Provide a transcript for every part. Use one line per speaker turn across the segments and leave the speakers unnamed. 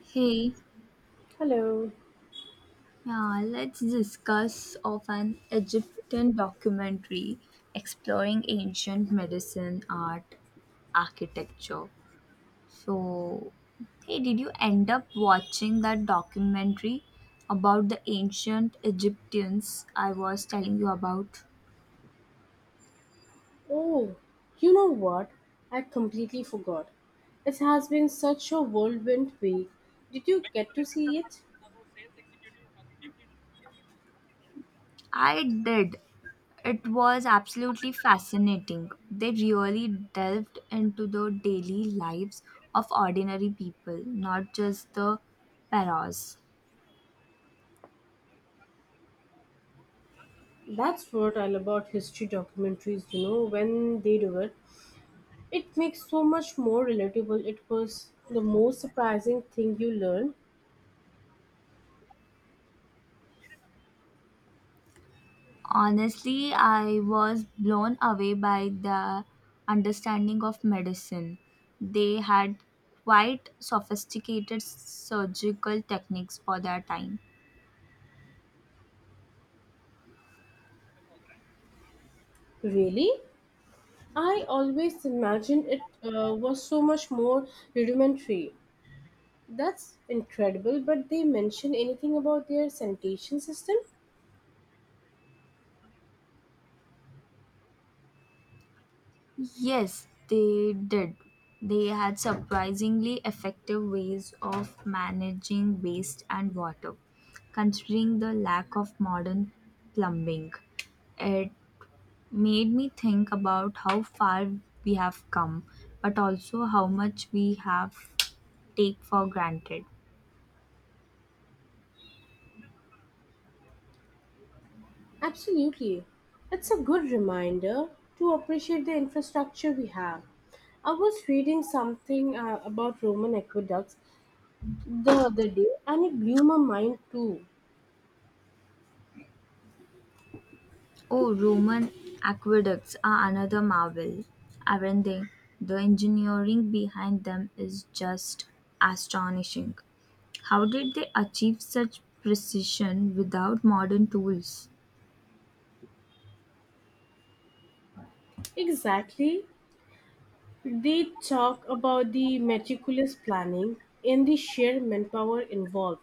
Hey,
Hello.
let's discuss of an Egyptian documentary exploring ancient medicine, art, architecture. So, hey, did you end up watching that documentary about the ancient Egyptians I was telling you about?
Oh, you know what? I completely forgot. It has been such a whirlwind week. Did you get to see it?
I did. It was absolutely fascinating. They really delved into the daily lives of ordinary people, not just the pharaohs.
That's what I love about history documentaries, you know, when they do it. It makes so much more relatable. It was the most surprising thing you learned.
Honestly, I was blown away by the understanding of medicine. They had quite sophisticated surgical techniques for their time.
Really? I always imagined it was so much more rudimentary. That's incredible, but they mention anything about their sanitation system?
Yes, they did. They had surprisingly effective ways of managing waste and water. Considering the lack of modern plumbing, it made me think about how far we have come, but also how much we have take for granted.
Absolutely. It's a good reminder to appreciate the infrastructure we have. I was reading something about Roman aqueducts the other day and it blew my mind too.
Oh, Roman aqueducts are another marvel, aren't they? The engineering behind them is just astonishing. How did they achieve such precision without modern tools?
Exactly. They talk about the meticulous planning and the sheer manpower involved.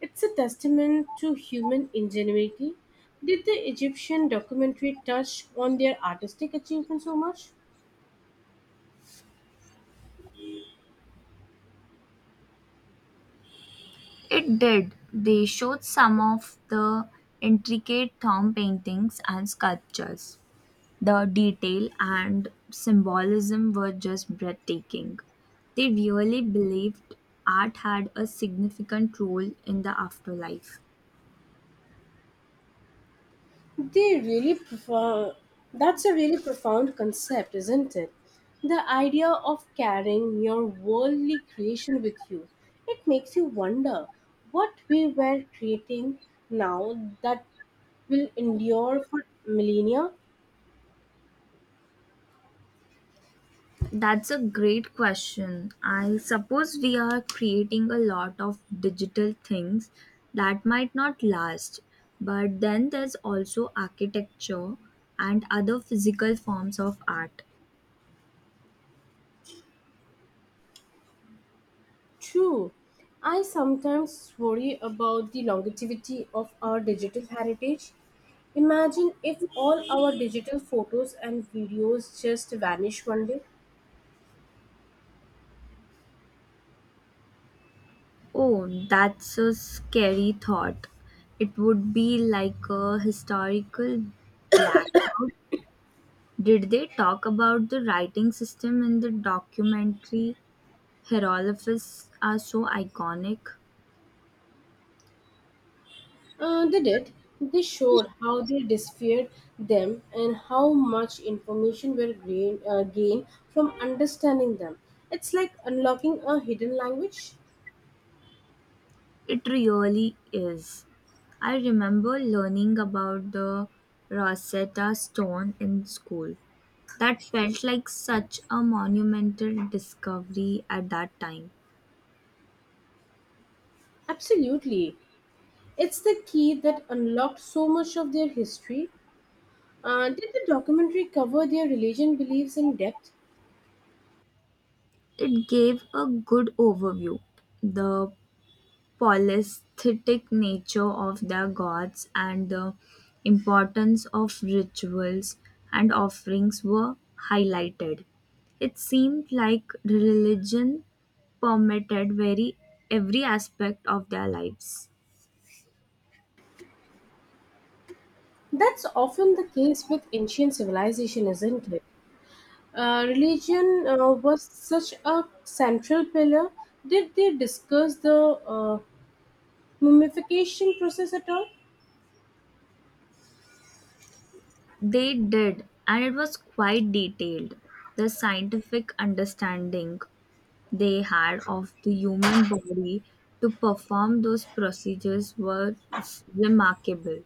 It's a testament to human ingenuity. Did the Egyptian documentary touch on their artistic achievement so much?
It did. They showed some of the intricate tomb paintings and sculptures. The detail and symbolism were just breathtaking. They really believed art had a significant role in the afterlife.
They really profound. That's a really profound concept, isn't it? The idea of carrying your worldly creation with you. It makes you wonder what we were creating now that will endure for millennia.
That's a great question. I suppose we are creating a lot of digital things that might not last, but then there's also architecture and other physical forms of art.
True. I sometimes worry about the longevity of our digital heritage. Imagine if all our digital photos and videos just vanish one day.
Oh, that's a scary thought. It would be like a historical blackout. Did they talk about the writing system in the documentary? Hieroglyphs are so iconic.
They did. They showed how they disfeared them and how much information were gained from understanding them. It's like unlocking a hidden language.
It really is. I remember learning about the Rosetta Stone in school. That felt like such a monumental discovery at that time.
Absolutely. It's the key that unlocked so much of their history. Did the documentary cover their religion beliefs in depth?
It gave a good overview. The polytheistic nature of their gods and the importance of rituals and offerings were highlighted. It seemed like religion permeated very every aspect of their lives.
That's often the case with ancient civilization, isn't it? Religion was such a central pillar. Did they discuss the mummification process at all?
They did, and it was quite detailed. The scientific understanding they had of the human body to perform those procedures was remarkable.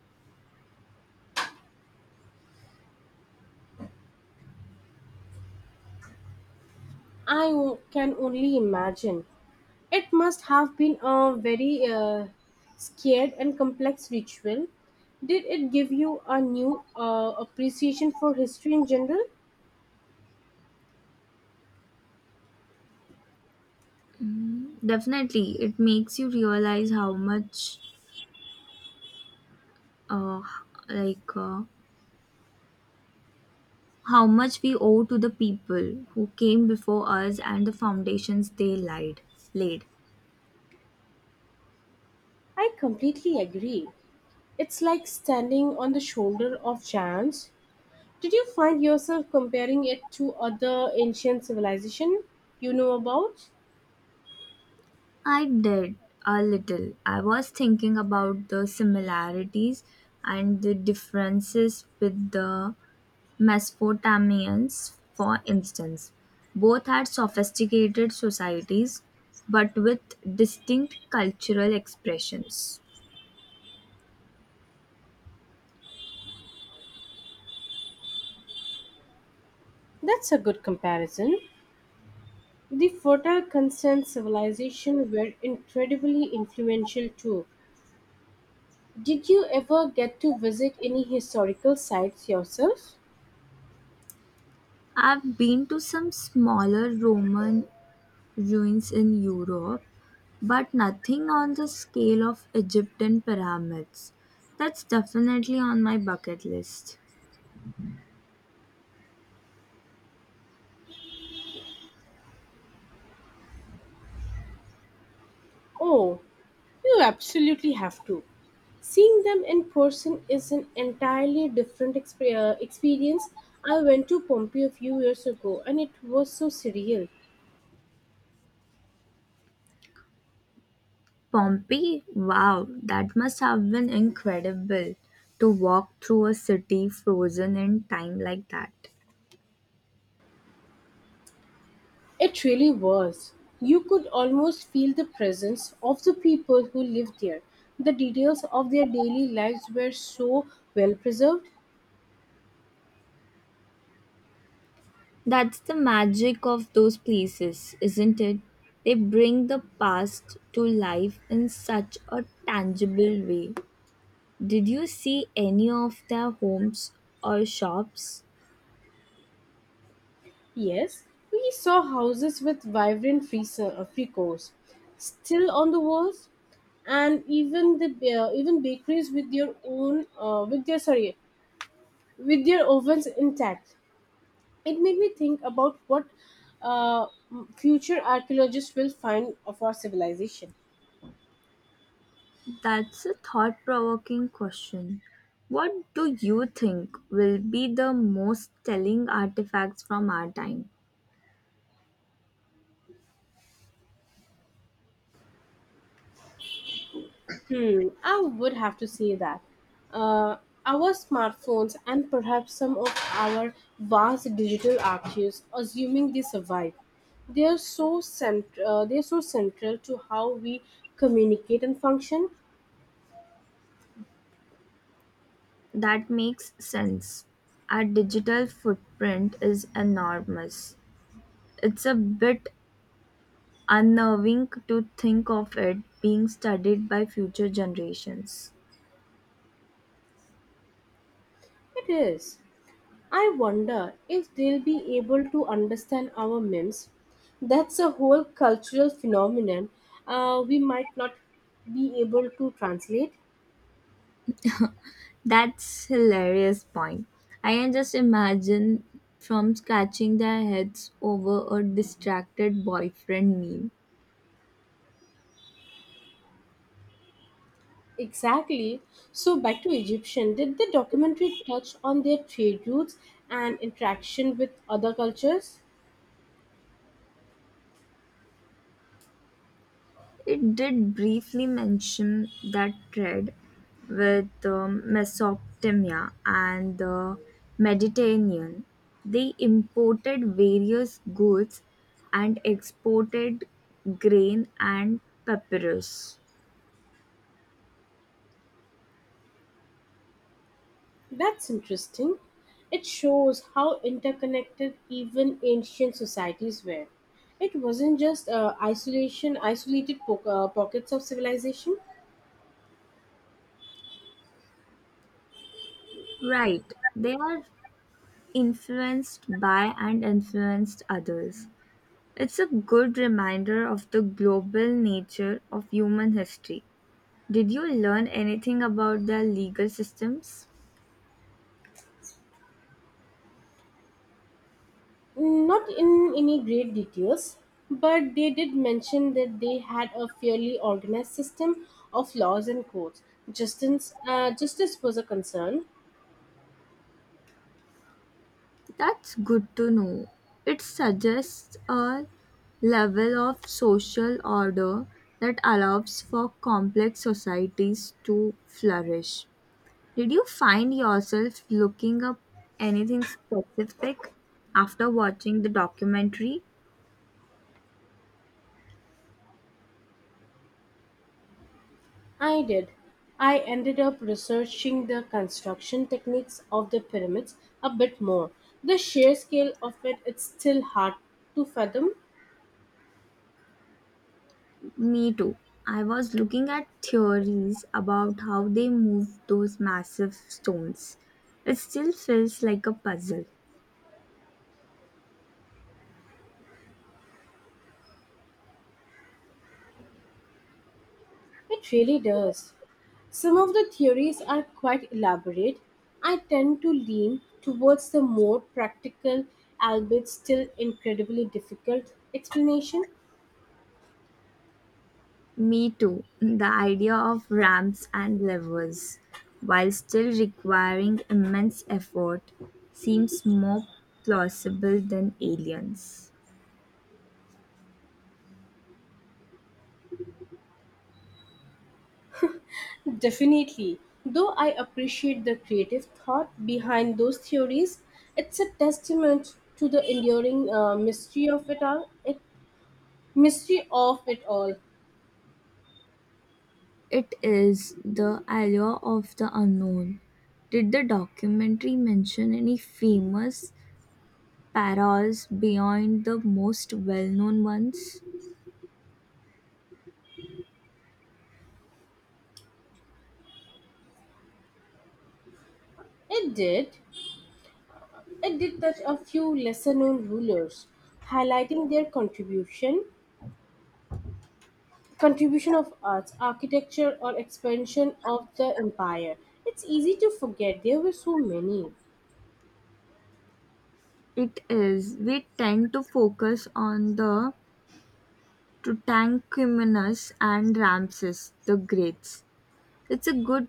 Can only imagine. It must have been a very scared and complex ritual. Did it give you a new appreciation for history in general?
Mm, definitely, it makes you realize how much, uh, like, uh, how much we owe to the people who came before us and the foundations they lied, laid.
I completely agree. It's like standing on the shoulder of giants. Did you find yourself comparing it to other ancient civilization you know about?
I did a little. I was thinking about the similarities and the differences with the Mesopotamians, for instance. Both had sophisticated societies, but with distinct cultural expressions.
That's a good comparison. The phota civilization were incredibly influential too. Did you ever get to visit any historical sites yourself?
I've been to some smaller Roman ruins in Europe, but nothing on the scale of Egyptian pyramids. That's definitely on my bucket list.
Oh, you absolutely have to. Seeing them in person is an entirely different experience. I went to Pompeii a few years ago and it was so surreal.
Pompeii? Wow, that must have been incredible to walk through a city frozen in time like that.
It really was. You could almost feel the presence of the people who lived there. The details of their daily lives were so well preserved.
That's the magic of those places, isn't it? They bring the past to life in such a tangible way. Did you see any of their homes or shops?
Yes, we saw houses with vibrant frescoes still on the walls, and even the even bakeries with their own, with their ovens intact. It made me think about what uh, future archaeologists will find of our civilization.
That's a thought provoking question. What do you think will be the most telling artifacts from our time?
Hmm, I would have to say that. Uh, our smartphones and perhaps some of our vast digital archives, assuming they survive, they are so they are so central to how we communicate and function.
That makes sense. Our digital footprint is enormous. It's a bit unnerving to think of it being studied by future generations.
It is. I wonder if they'll be able to understand our memes. That's a whole cultural phenomenon we might not be able to translate.
That's hilarious point. I can just imagine from scratching their heads over a distracted boyfriend meme.
Exactly. So back to Egyptian, did the documentary touch on their trade routes and interaction with other cultures?
It did briefly mention that thread with Mesopotamia and the Mediterranean. They imported various goods and exported grain and papyrus.
That's interesting. It shows how interconnected even ancient societies were. It wasn't just isolated pockets of civilization.
Right. They are influenced by and influenced others. It's a good reminder of the global nature of human history. Did you learn anything about their legal systems?
Not in any great details, but they did mention that they had a fairly organized system of laws and codes. Justice was a concern.
That's good to know. It suggests a level of social order that allows for complex societies to flourish. Did you find yourself looking up anything specific after watching the documentary?
I did. I ended up researching the construction techniques of the pyramids a bit more. The sheer scale of it, it's still hard to fathom.
Me too. I was looking at theories about how they moved those massive stones. It still feels like a puzzle.
It really does. Some of the theories are quite elaborate. I tend to lean towards the more practical, albeit still incredibly difficult, explanation.
Me too. The idea of ramps and levers, while still requiring immense effort, seems more plausible than aliens.
Definitely. Though I appreciate the creative thought behind those theories, it's a testament to the enduring mystery of it all, mystery of it all.
It is the allure of the unknown. Did the documentary mention any famous paras beyond the most well-known ones?
It did. It did touch a few lesser-known rulers, highlighting their contribution of arts, architecture, or expansion of the empire. It's easy to forget there were so many.
It is. We tend to focus on the Tutankhamun's and Ramses the Greats. It's a good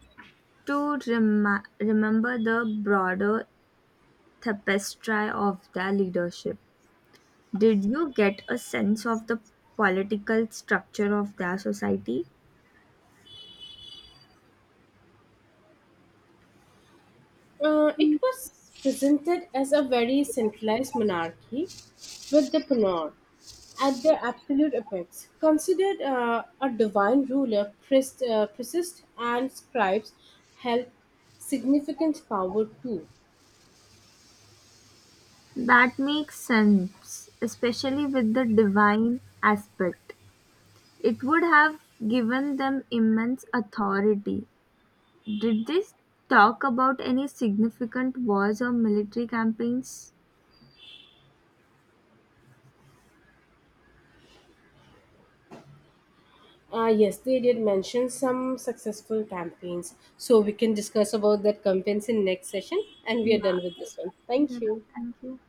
to remember the broader tapestry of their leadership. Did you get a sense of the political structure of their society?
It was presented as a very centralized monarchy with the Panor at their absolute apex, considered a divine ruler, priests and scribes held significant power too.
That makes sense, especially with the divine aspect. It would have given them immense authority. Did they talk about any significant wars or military campaigns?
Yes, they did mention some successful campaigns, so we can discuss about that campaigns in next session, and we
You
are done with
are
this one. Thank
asking.
you.
Thank you.